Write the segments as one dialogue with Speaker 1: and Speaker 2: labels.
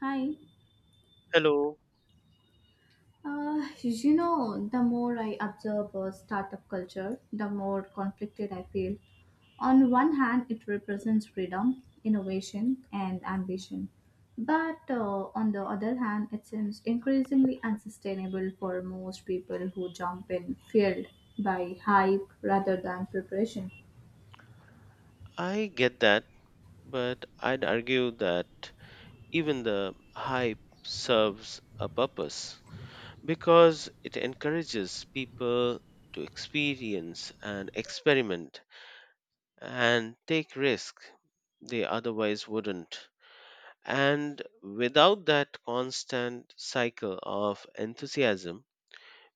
Speaker 1: Hi.
Speaker 2: Hello,
Speaker 1: The more I observe startup culture, the more conflicted I feel. On one hand, it represents freedom, innovation, and ambition. But on the other hand, it seems increasingly unsustainable for most people who jump in field by hype rather than preparation.
Speaker 2: I get that, but I'd argue that even the hype serves a purpose because it encourages people to experience and experiment and take risks they otherwise wouldn't. And without that constant cycle of enthusiasm,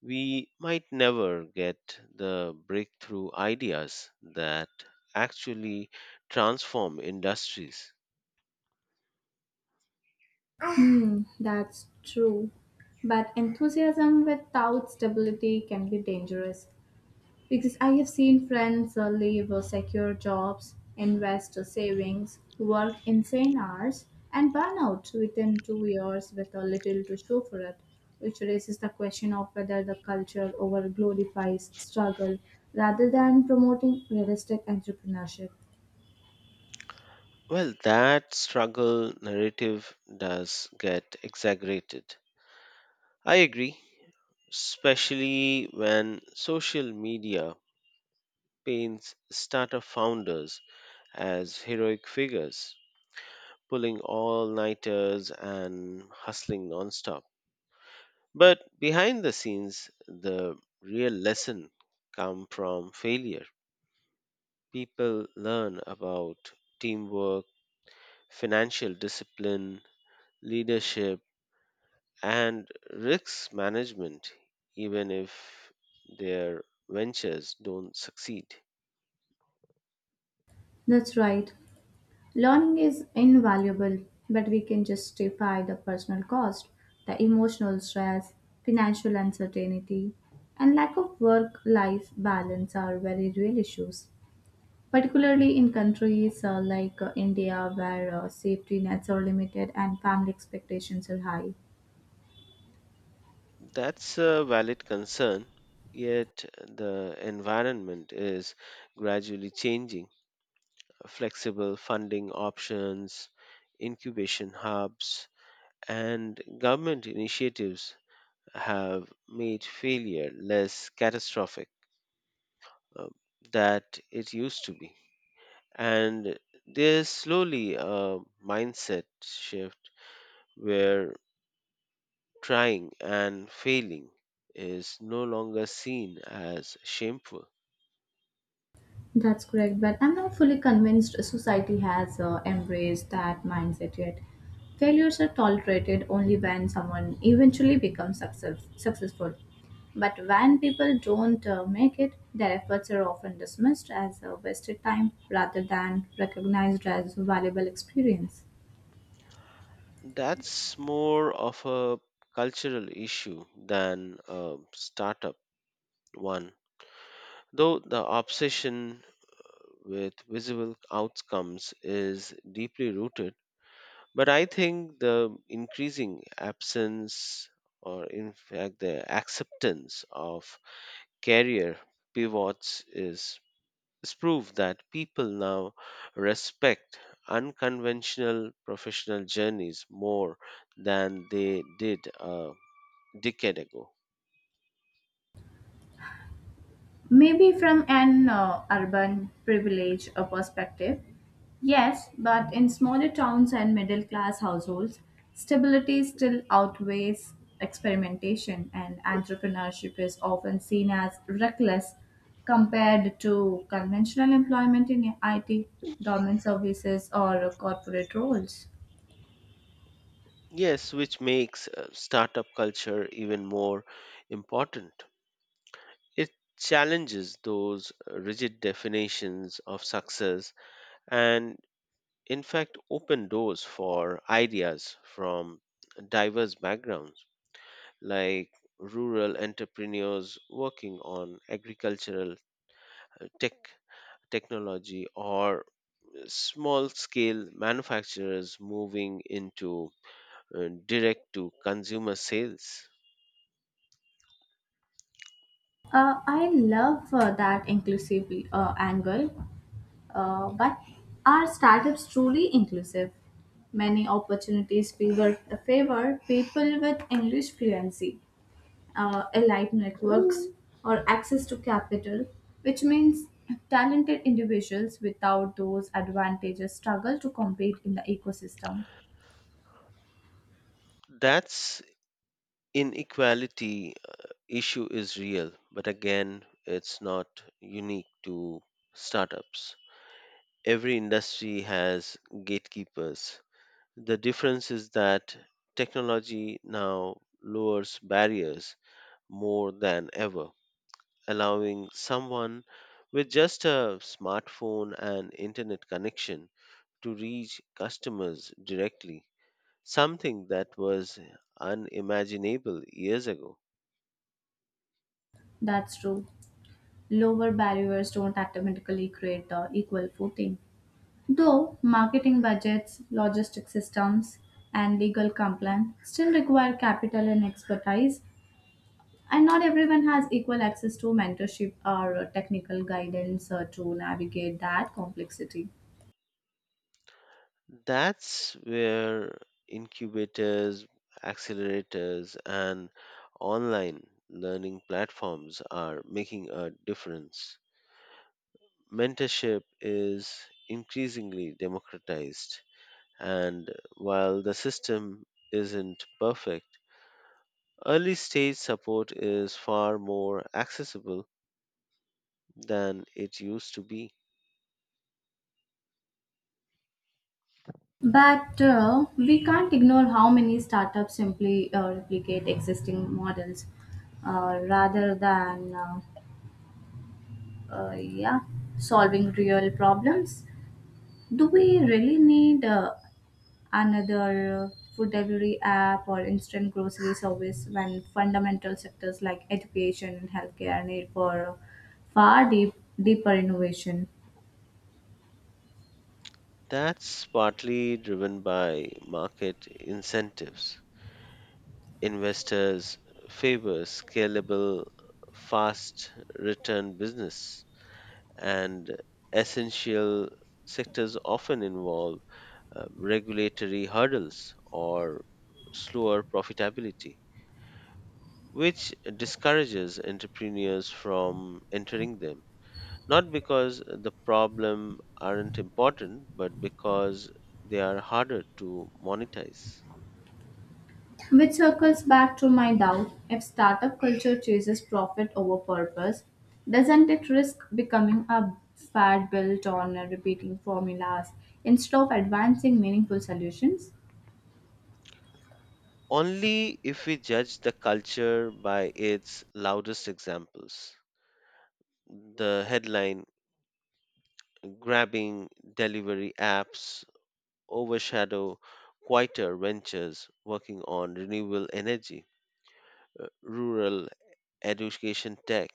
Speaker 2: we might never get the breakthrough ideas that actually transform industries.
Speaker 1: That's true. But enthusiasm without stability can be dangerous. Because I have seen friends leave secure jobs, invest savings, work insane hours, and burn out within 2 years with a little to show for it, which raises the question of whether the culture over glorifies struggle rather than promoting realistic entrepreneurship.
Speaker 2: Well, that struggle narrative does get exaggerated. I agree, especially when social media paints startup founders as heroic figures, pulling all nighters and hustling nonstop. But behind the scenes, the real lesson come from failure. People learn about teamwork, financial discipline, leadership, and risk management, even if their ventures don't succeed.
Speaker 1: That's right. Learning is invaluable, but we can justify the personal cost, the emotional stress, financial uncertainty, and lack of work life balance are very real issues, particularly in countries like India where safety nets are limited and family expectations are high.
Speaker 2: That's a valid concern, yet the environment is gradually changing. Flexible funding options, incubation hubs, and government initiatives have made failure less catastrophic uh, that it used to be. And there's slowly a mindset shift where trying and failing is no longer seen as shameful.
Speaker 1: That's correct, but I'm not fully convinced society has embraced that mindset yet. Failures are tolerated only when someone eventually becomes successful. But when people don't make it, their efforts are often dismissed as a wasted time rather than recognized as valuable experience.
Speaker 2: That's more of a cultural issue than a startup one, though the obsession with visible outcomes is deeply rooted. But I think the increasing absence, or in fact, the acceptance of career pivots is proof that people now respect unconventional professional journeys more than they did a decade ago.
Speaker 1: Maybe from an urban privilege perspective, yes, but in smaller towns and middle class households, stability still outweighs experimentation, and entrepreneurship is often seen as reckless compared to conventional employment in IT, government services, or corporate roles.
Speaker 2: Yes, which makes startup culture even more important. It challenges those rigid definitions of success and, in fact, open doors for ideas from diverse backgrounds, like rural entrepreneurs working on agricultural uh, tech technology or small scale manufacturers moving into direct to consumer sales.
Speaker 1: I love that inclusive angle, but are startups truly inclusive? Many opportunities favor people with English fluency, allied networks, or access to capital, which means talented individuals without those advantages struggle to compete in the ecosystem.
Speaker 2: That's inequality issue is real, but again, it's not unique to startups. Every industry has gatekeepers. The difference is that technology now lowers barriers more than ever, allowing someone with just a smartphone and internet connection to reach customers directly, something that was unimaginable years ago.
Speaker 1: That's true. Lower barriers don't automatically create the equal footing. Though marketing budgets, logistic systems, and legal compliance still require capital and expertise, and not everyone has equal access to mentorship or technical guidance to navigate that complexity.
Speaker 2: That's where incubators, accelerators, and online learning platforms are making a difference. Mentorship is increasingly democratized, and while the system isn't perfect, early stage support is far more accessible than it used to be.
Speaker 1: But we can't ignore how many startups simply replicate existing models rather than uh, yeah solving real problems. Do we really need another food delivery app or instant grocery service when fundamental sectors like education and healthcare need for far deep, deeper innovation?
Speaker 2: That's partly driven by market incentives. Investors favor scalable, fast return business, and essential sectors often involve regulatory hurdles or slower profitability, which discourages entrepreneurs from entering them. Not because the problem aren't important, but because they are harder to monetize.
Speaker 1: Which circles back to my doubt, if startup culture chases profit over purpose, doesn't it risk becoming a fad built on repeating formulas instead of advancing meaningful solutions?
Speaker 2: Only if we judge the culture by its loudest examples. The headline grabbing delivery apps overshadow quieter ventures working on renewable energy, rural education tech,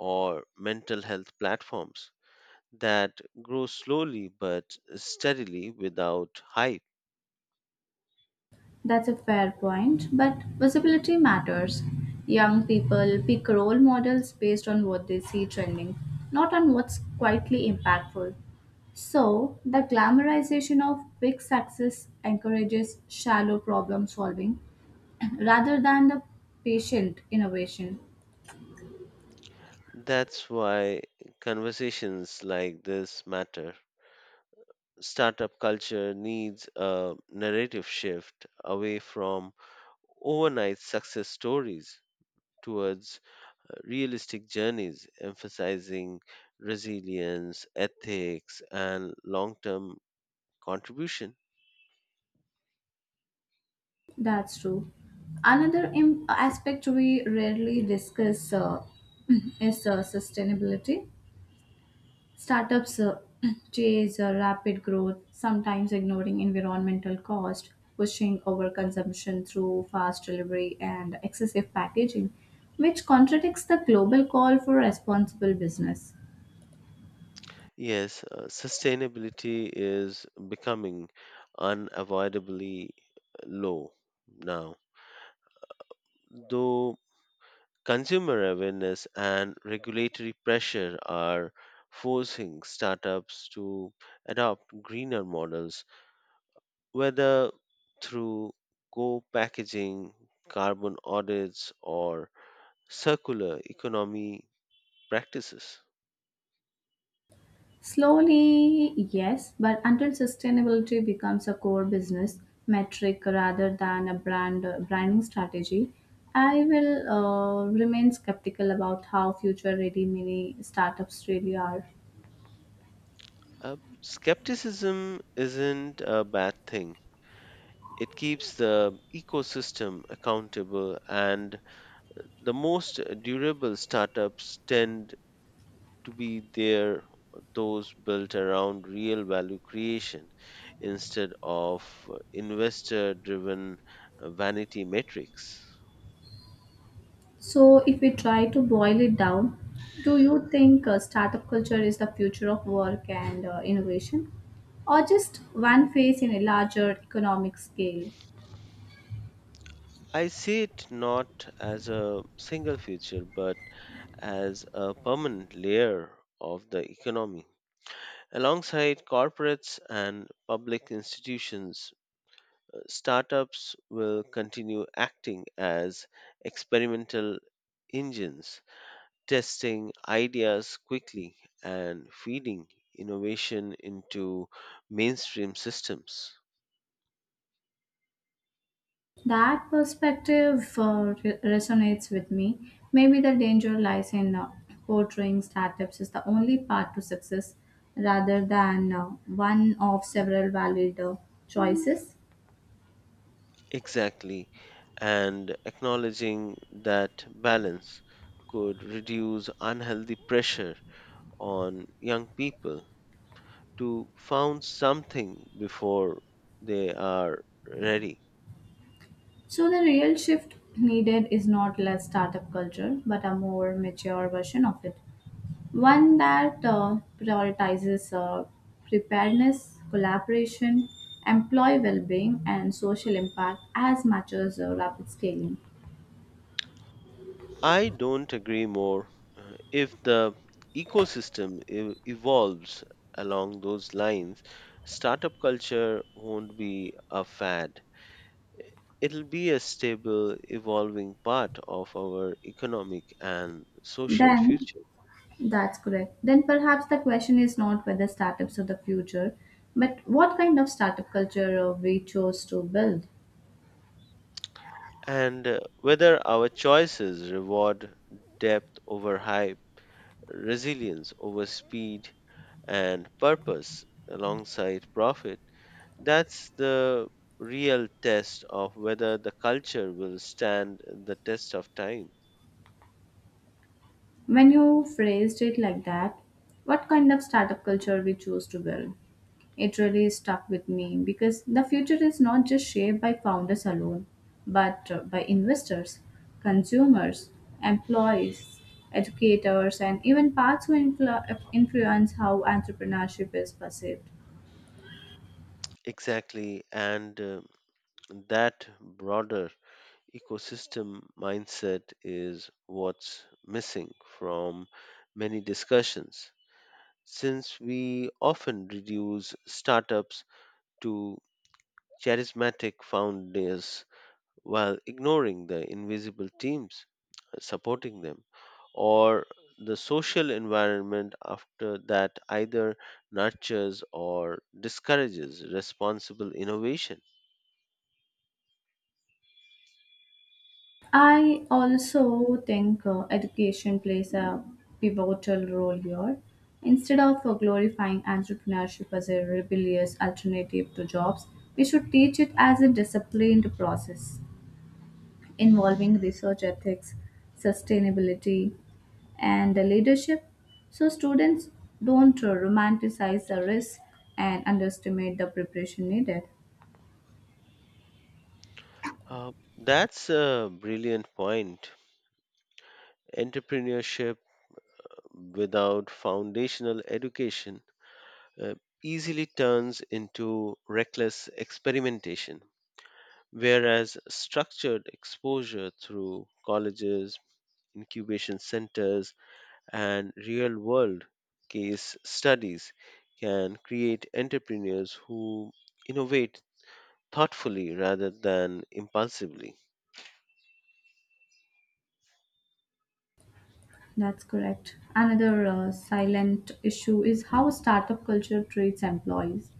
Speaker 2: or mental health platforms that grow slowly but steadily without hype.
Speaker 1: That's a fair point, but visibility matters. Young people pick role models based on what they see trending, not on what's quietly impactful. So, the glamorization of big success encourages shallow problem solving rather than the patient innovation.
Speaker 2: That's why conversations like this matter. Startup culture needs a narrative shift away from overnight success stories towards realistic journeys emphasizing resilience, ethics, and long term contribution.
Speaker 1: That's true. Another aspect we rarely discuss is sustainability. Startups chase rapid growth, sometimes ignoring environmental cost, pushing overconsumption through fast delivery and excessive packaging, which contradicts the global call for responsible business.
Speaker 2: Yes, sustainability is becoming unavoidably low now, though consumer awareness and regulatory pressure are forcing startups to adopt greener models, whether through co packaging, carbon audits, or circular economy practices.
Speaker 1: Slowly, yes, but until sustainability becomes a core business metric rather than a branding strategy, I will remain skeptical about how future-ready mini startups really are.
Speaker 2: Uh, Skepticism isn't a bad thing. It keeps the ecosystem accountable, and the most durable startups tend to be there, those built around real value creation instead of investor driven vanity metrics.
Speaker 1: So, if we try to boil it down, do you think startup culture is the future of work and innovation, or just one phase in a larger economic scale?
Speaker 2: I see it not as a single feature but as a permanent layer of the economy. Alongside corporates and public institutions, startups will continue acting as experimental engines testing ideas quickly and feeding innovation into mainstream systems.
Speaker 1: That perspective resonates with me. Maybe the danger lies in portraying startups as the only path to success rather than one of several valid choices.
Speaker 2: Exactly, and acknowledging that balance could reduce unhealthy pressure on young people to found something before they are ready.
Speaker 1: So, the real shift needed is not less startup culture, but a more mature version of it. One that prioritizes preparedness, collaboration, employee well being, and social impact as much as rapid scaling.
Speaker 2: I don't agree more. If the ecosystem evolves along those lines, startup culture won't be a fad. It'll be a stable, evolving part of our economic and social
Speaker 1: Then,
Speaker 2: future.
Speaker 1: that's correct. Then perhaps the question is not whether startups are the future, but what kind of startup culture we chose to build.
Speaker 2: And whether our choices reward depth over hype, resilience over speed, and purpose alongside profit, that's the real test of whether the culture will stand the test of time.
Speaker 1: When you phrased it like that, what kind of startup culture we choose to build? It really stuck with me because the future is not just shaped by founders alone, but by investors, consumers, employees, educators, and even parts who influence how entrepreneurship is perceived.
Speaker 2: Exactly, and that broader ecosystem mindset is what's missing from many discussions, since we often reduce startups to charismatic founders while ignoring the invisible teams supporting them or the social environment after that either nurtures or discourages responsible innovation.
Speaker 1: I also think education plays a pivotal role here. Instead of glorifying entrepreneurship as a rebellious alternative to jobs, we should teach it as a disciplined process involving research ethics, sustainability, and leadership. So students don't romanticize the risk and underestimate the preparation needed.
Speaker 2: Uh, that's a brilliant point. Entrepreneurship without foundational education uh, easily turns into reckless experimentation, whereas structured exposure through colleges, incubation centers, and real world case studies can create entrepreneurs who innovate thoughtfully rather than impulsively.
Speaker 1: That's correct. Another silent issue is how startup culture treats employees.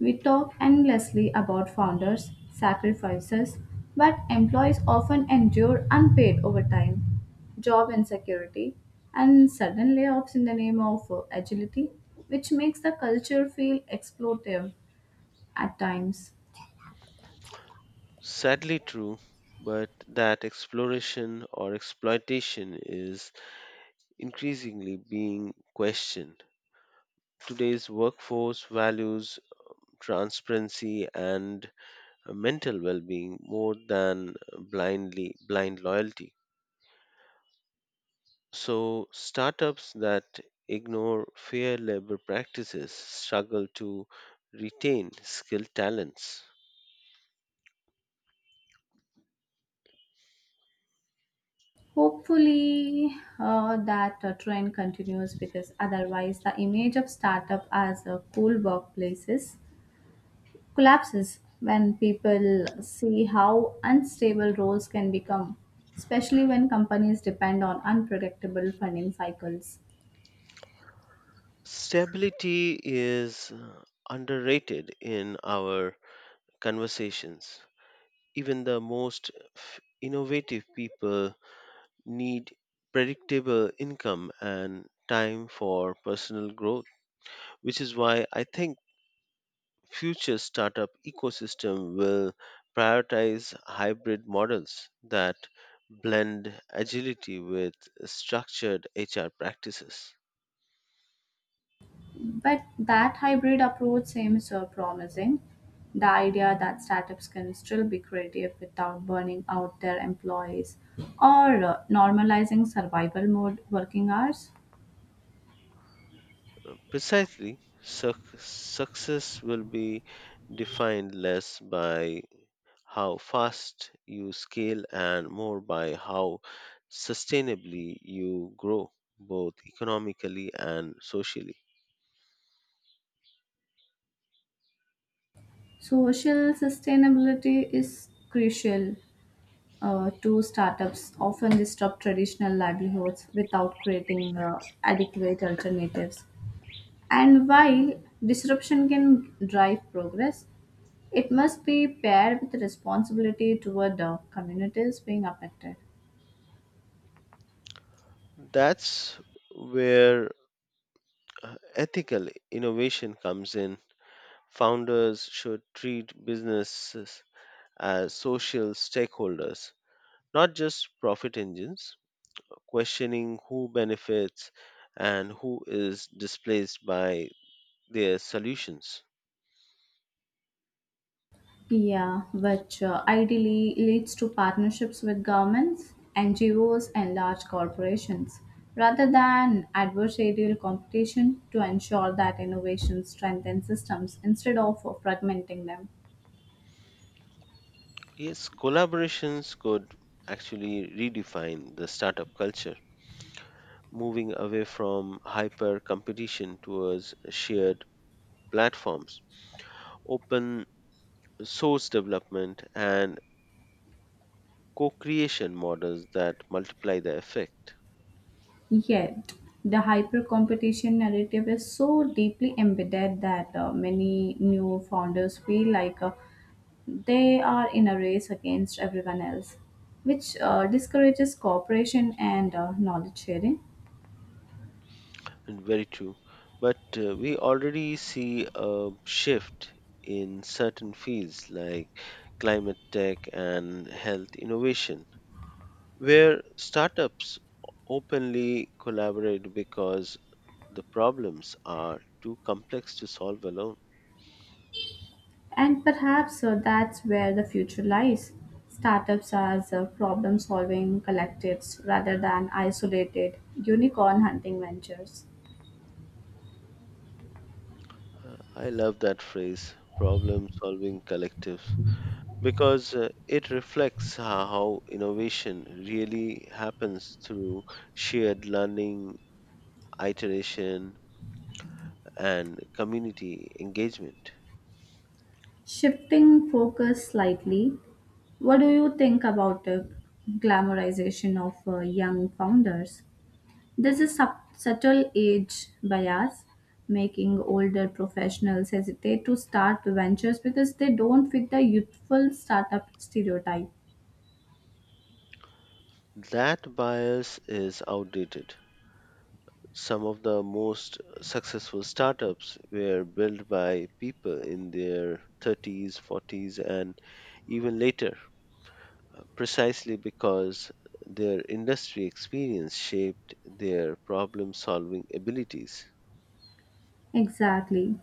Speaker 1: We talk endlessly about founders' sacrifices, but employees often endure unpaid overtime, job insecurity, and sudden layoffs in the name of agility, which makes the culture feel exploitative at times.
Speaker 2: Sadly true, but that exploration or exploitation is increasingly being questioned. Today's workforce values transparency and mental well-being more than blind loyalty. So, startups that ignore fair labor practices struggle to retain skilled talents.
Speaker 1: Hopefully, that trend continues because otherwise, the image of startup as a cool workplaces collapses when people see how unstable roles can become, especially when companies depend on unpredictable funding cycles.
Speaker 2: Stability is underrated in our conversations. Even the most innovative people need predictable income and time for personal growth, which is why I think future startup ecosystem will prioritize hybrid models that blend agility with structured HR practices.
Speaker 1: But that hybrid approach seems promising. The idea that startups can still be creative without burning out their employees or normalizing survival mode working hours.
Speaker 2: Precisely, success will be defined less by how fast you scale and more by how sustainably you grow, both economically and socially.
Speaker 1: Social sustainability is crucial to startups often disrupt traditional livelihoods without creating adequate alternatives. And while disruption can drive progress, it must be paired with responsibility toward the communities being affected.
Speaker 2: That's where ethical innovation comes in. Founders should treat businesses as social stakeholders, not just profit engines, questioning who benefits and who is displaced by their solutions.
Speaker 1: Yeah, which ideally leads to partnerships with governments, NGOs, and large corporations, rather than adversarial competition to ensure that innovation strengthens systems instead of fragmenting them.
Speaker 2: Yes, collaborations could actually redefine the startup culture, moving away from hyper competition towards shared platforms, open source development, and co creation models that multiply the effect.
Speaker 1: Yet, the hyper competition narrative is so deeply embedded that many new founders feel like they are in a race against everyone else, which discourages cooperation and knowledge sharing.
Speaker 2: Very true. But we already see a shift in certain fields like climate tech and health innovation, where startups openly collaborate because the problems are too complex to solve alone.
Speaker 1: And perhaps that's where the future lies. Startups as problem solving collectives rather than isolated unicorn hunting ventures.
Speaker 2: I love that phrase, problem solving collective, because it reflects how innovation really happens through shared learning, iteration, and community engagement.
Speaker 1: Shifting focus slightly, what do you think about the glamorization of young founders? There's a subtle age bias, making older professionals hesitate to start ventures because they don't fit the youthful startup stereotype.
Speaker 2: That bias is outdated. Some of the most successful startups were built by people in their thirties, forties, and even later, precisely because their industry experience shaped their problem solving abilities.
Speaker 1: Exactly.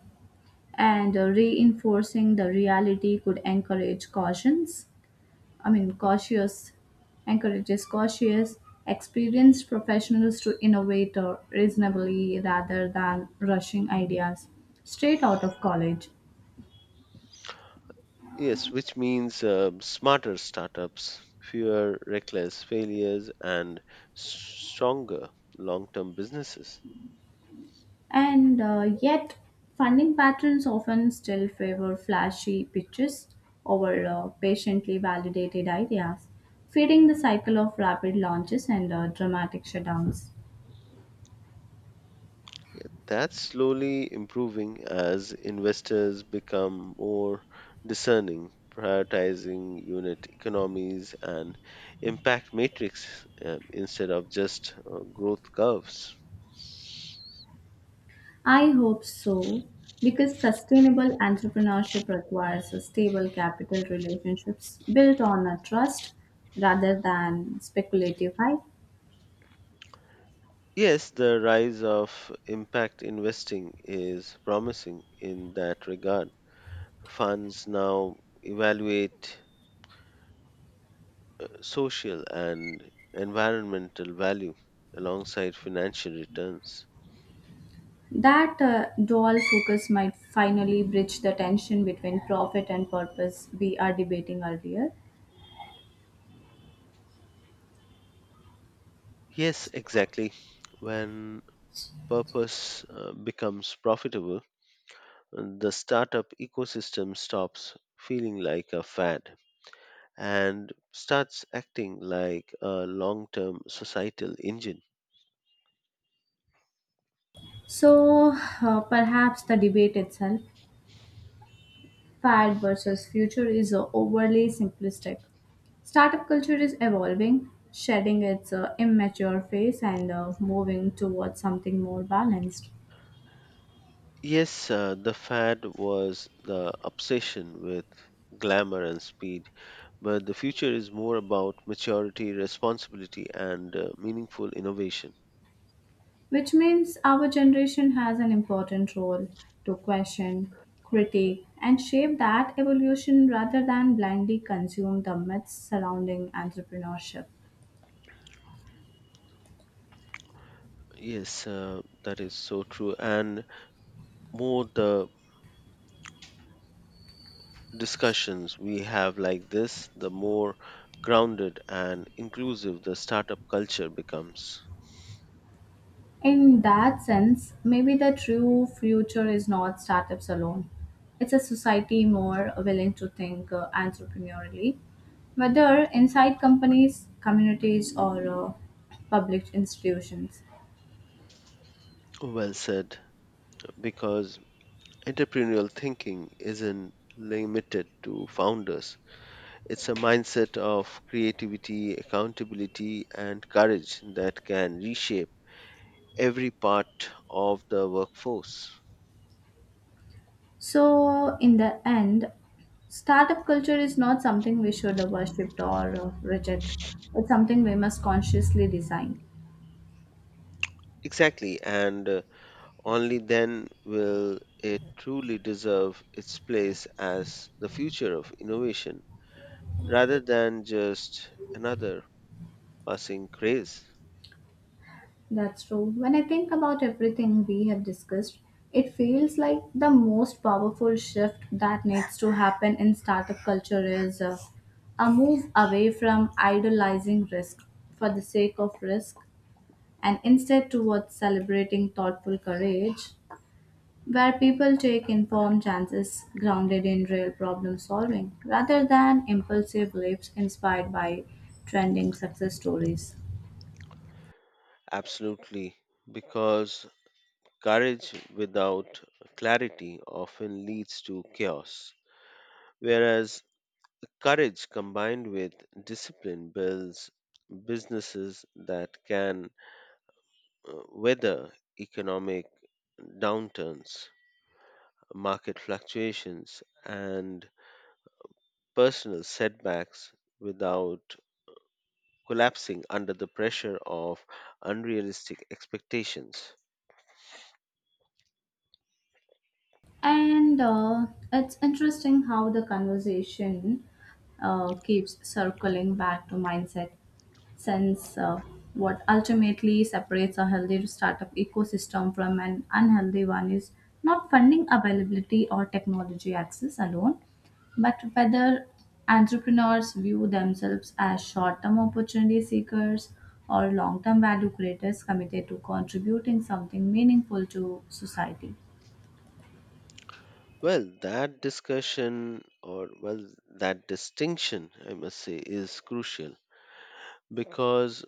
Speaker 1: And reinforcing the reality could encourage cautions I mean cautious encourages cautious experienced professionals to innovate reasonably rather than rushing ideas straight out of college.
Speaker 2: Yes, which means smarter startups, fewer reckless failures, and stronger long term businesses.
Speaker 1: And yet funding patterns often still favor flashy pitches over patiently validated ideas, feeding the cycle of rapid launches and dramatic shutdowns.
Speaker 2: That's slowly improving as investors become more discerning, prioritizing unit economies and impact matrix instead of just growth curves.
Speaker 1: I hope so, because sustainable entrepreneurship requires a stable capital relationships built on a trust rather than speculative hype.
Speaker 2: Yes, the rise of impact investing is promising in that regard. Funds now evaluate social and environmental value alongside financial returns.
Speaker 1: That dual focus might finally bridge the tension between profit and purpose we are debating earlier.
Speaker 2: Yes, exactly. When purpose becomes profitable, the startup ecosystem stops feeling like a fad and starts acting like a long term societal engine.
Speaker 1: So perhaps the debate itself, fad versus future, is overly simplistic. Startup culture is evolving, shedding its immature phase and moving towards something more balanced,
Speaker 2: Yes, the fad was the obsession with glamour and speed, but the future is more about maturity, responsibility, and meaningful innovation.
Speaker 1: which means our generation has an important role to question, critique, and shape that evolution rather than blindly consume the myths surrounding entrepreneurship.
Speaker 2: Yes, that is so true. And more the discussions we have like this, the more grounded and inclusive the startup culture becomes.
Speaker 1: In that sense, maybe the true future is not startups alone. It's a society more willing to think entrepreneurially, whether inside companies, communities, or public institutions.
Speaker 2: Well said, because entrepreneurial thinking isn't limited to founders. It's a mindset of creativity, accountability, and courage that can reshape every part of the workforce.
Speaker 1: So, in the end, startup culture is not something we should worship or reject. It's something we must consciously design.
Speaker 2: Exactly, and only then will it truly deserve its place as the future of innovation, rather than just another passing craze.
Speaker 1: That's true. When I think about everything we have discussed, it feels like the most powerful shift that needs to happen in startup culture is a move away from idolizing risk for the sake of risk and instead towards celebrating thoughtful courage where people take informed chances grounded in real problem solving rather than impulsive leaps inspired by trending success stories.
Speaker 2: Absolutely, because courage without clarity often leads to chaos, whereas courage combined with discipline builds businesses that can weather economic downturns, market fluctuations, and personal setbacks without collapsing under the pressure of unrealistic expectations.
Speaker 1: And it's interesting how the conversation keeps circling back to mindset, since what ultimately separates a healthy startup ecosystem from an unhealthy one is not funding availability or technology access alone, but whether entrepreneurs view themselves as short term opportunity seekers or long term value creators committed to contributing something meaningful to society.
Speaker 2: Well, that distinction, I must say, is crucial because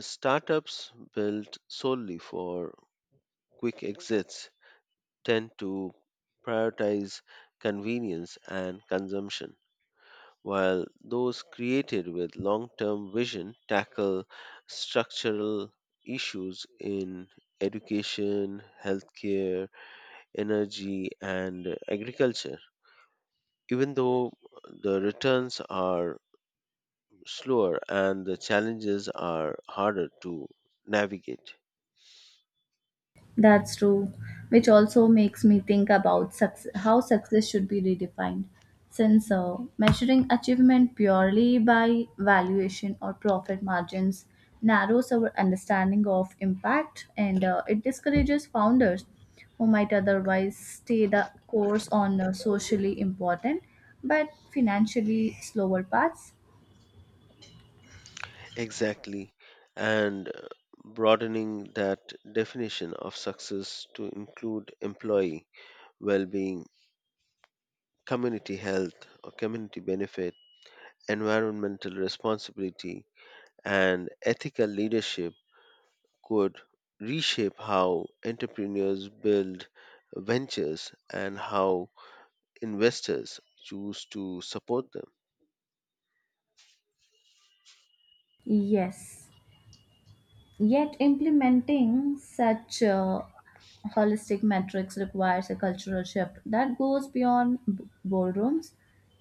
Speaker 2: startups built solely for quick exits tend to prioritize convenience and consumption, while those created with long term vision tackle structural issues in education, healthcare, energy, and agriculture, even though the returns are slower and the challenges are harder to navigate.
Speaker 1: That's true, which also makes me think about success, how success should be redefined. Since measuring achievement purely by valuation or profit margins narrows our understanding of impact and it discourages founders who might otherwise stay the course on socially important but financially slower paths.
Speaker 2: Exactly. And broadening that definition of success to include employee well being, community health or community benefit, environmental responsibility, and ethical leadership could reshape how entrepreneurs build ventures and how investors choose to support them.
Speaker 1: Yes, yet implementing such holistic metrics requires a cultural shift that goes beyond boardrooms,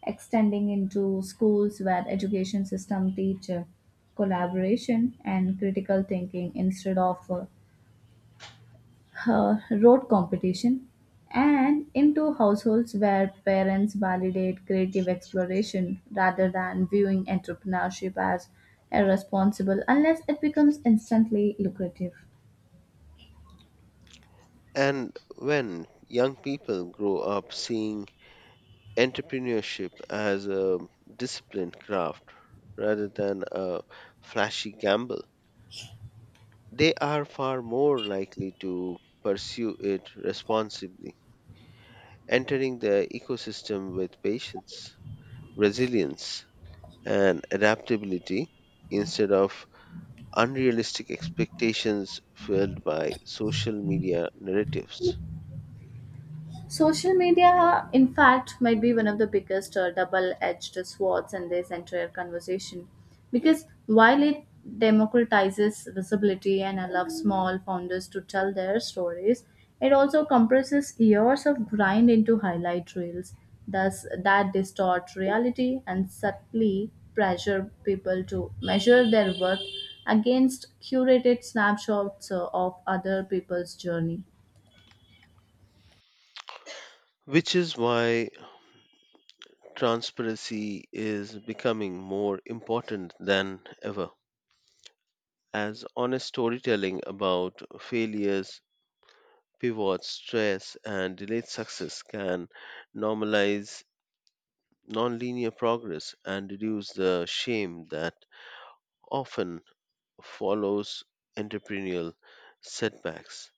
Speaker 1: extending into schools where education system teach collaboration and critical thinking instead of rote competition, and into households where parents validate creative exploration rather than viewing entrepreneurship as irresponsible unless it becomes instantly lucrative.
Speaker 2: And when young people grow up seeing entrepreneurship as a disciplined craft rather than a flashy gamble, they are far more likely to pursue it responsibly, entering the ecosystem with patience, resilience, and adaptability instead of unrealistic expectations fueled by social media narratives.
Speaker 1: Social media, in fact, might be one of the biggest double edged swords in this entire conversation. Because while it democratizes visibility and allows small founders to tell their stories, it also compresses years of grind into highlight reels, thus, that distort reality and subtly pressure people to measure their worth against curated snapshots of other people's journey.
Speaker 2: Which is why transparency is becoming more important than ever, as honest storytelling about failures, pivots, stress, and delayed success can normalize nonlinear progress and reduce the shame that often follows entrepreneurial setbacks.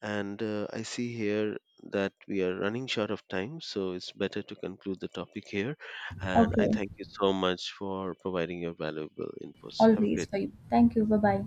Speaker 2: And I see here that we are running short of time, so it's better to conclude the topic here. And I
Speaker 1: Okay.
Speaker 2: thank you so much for providing your valuable inputs. Have a
Speaker 1: Always
Speaker 2: great
Speaker 1: for you. Thank you. Bye bye.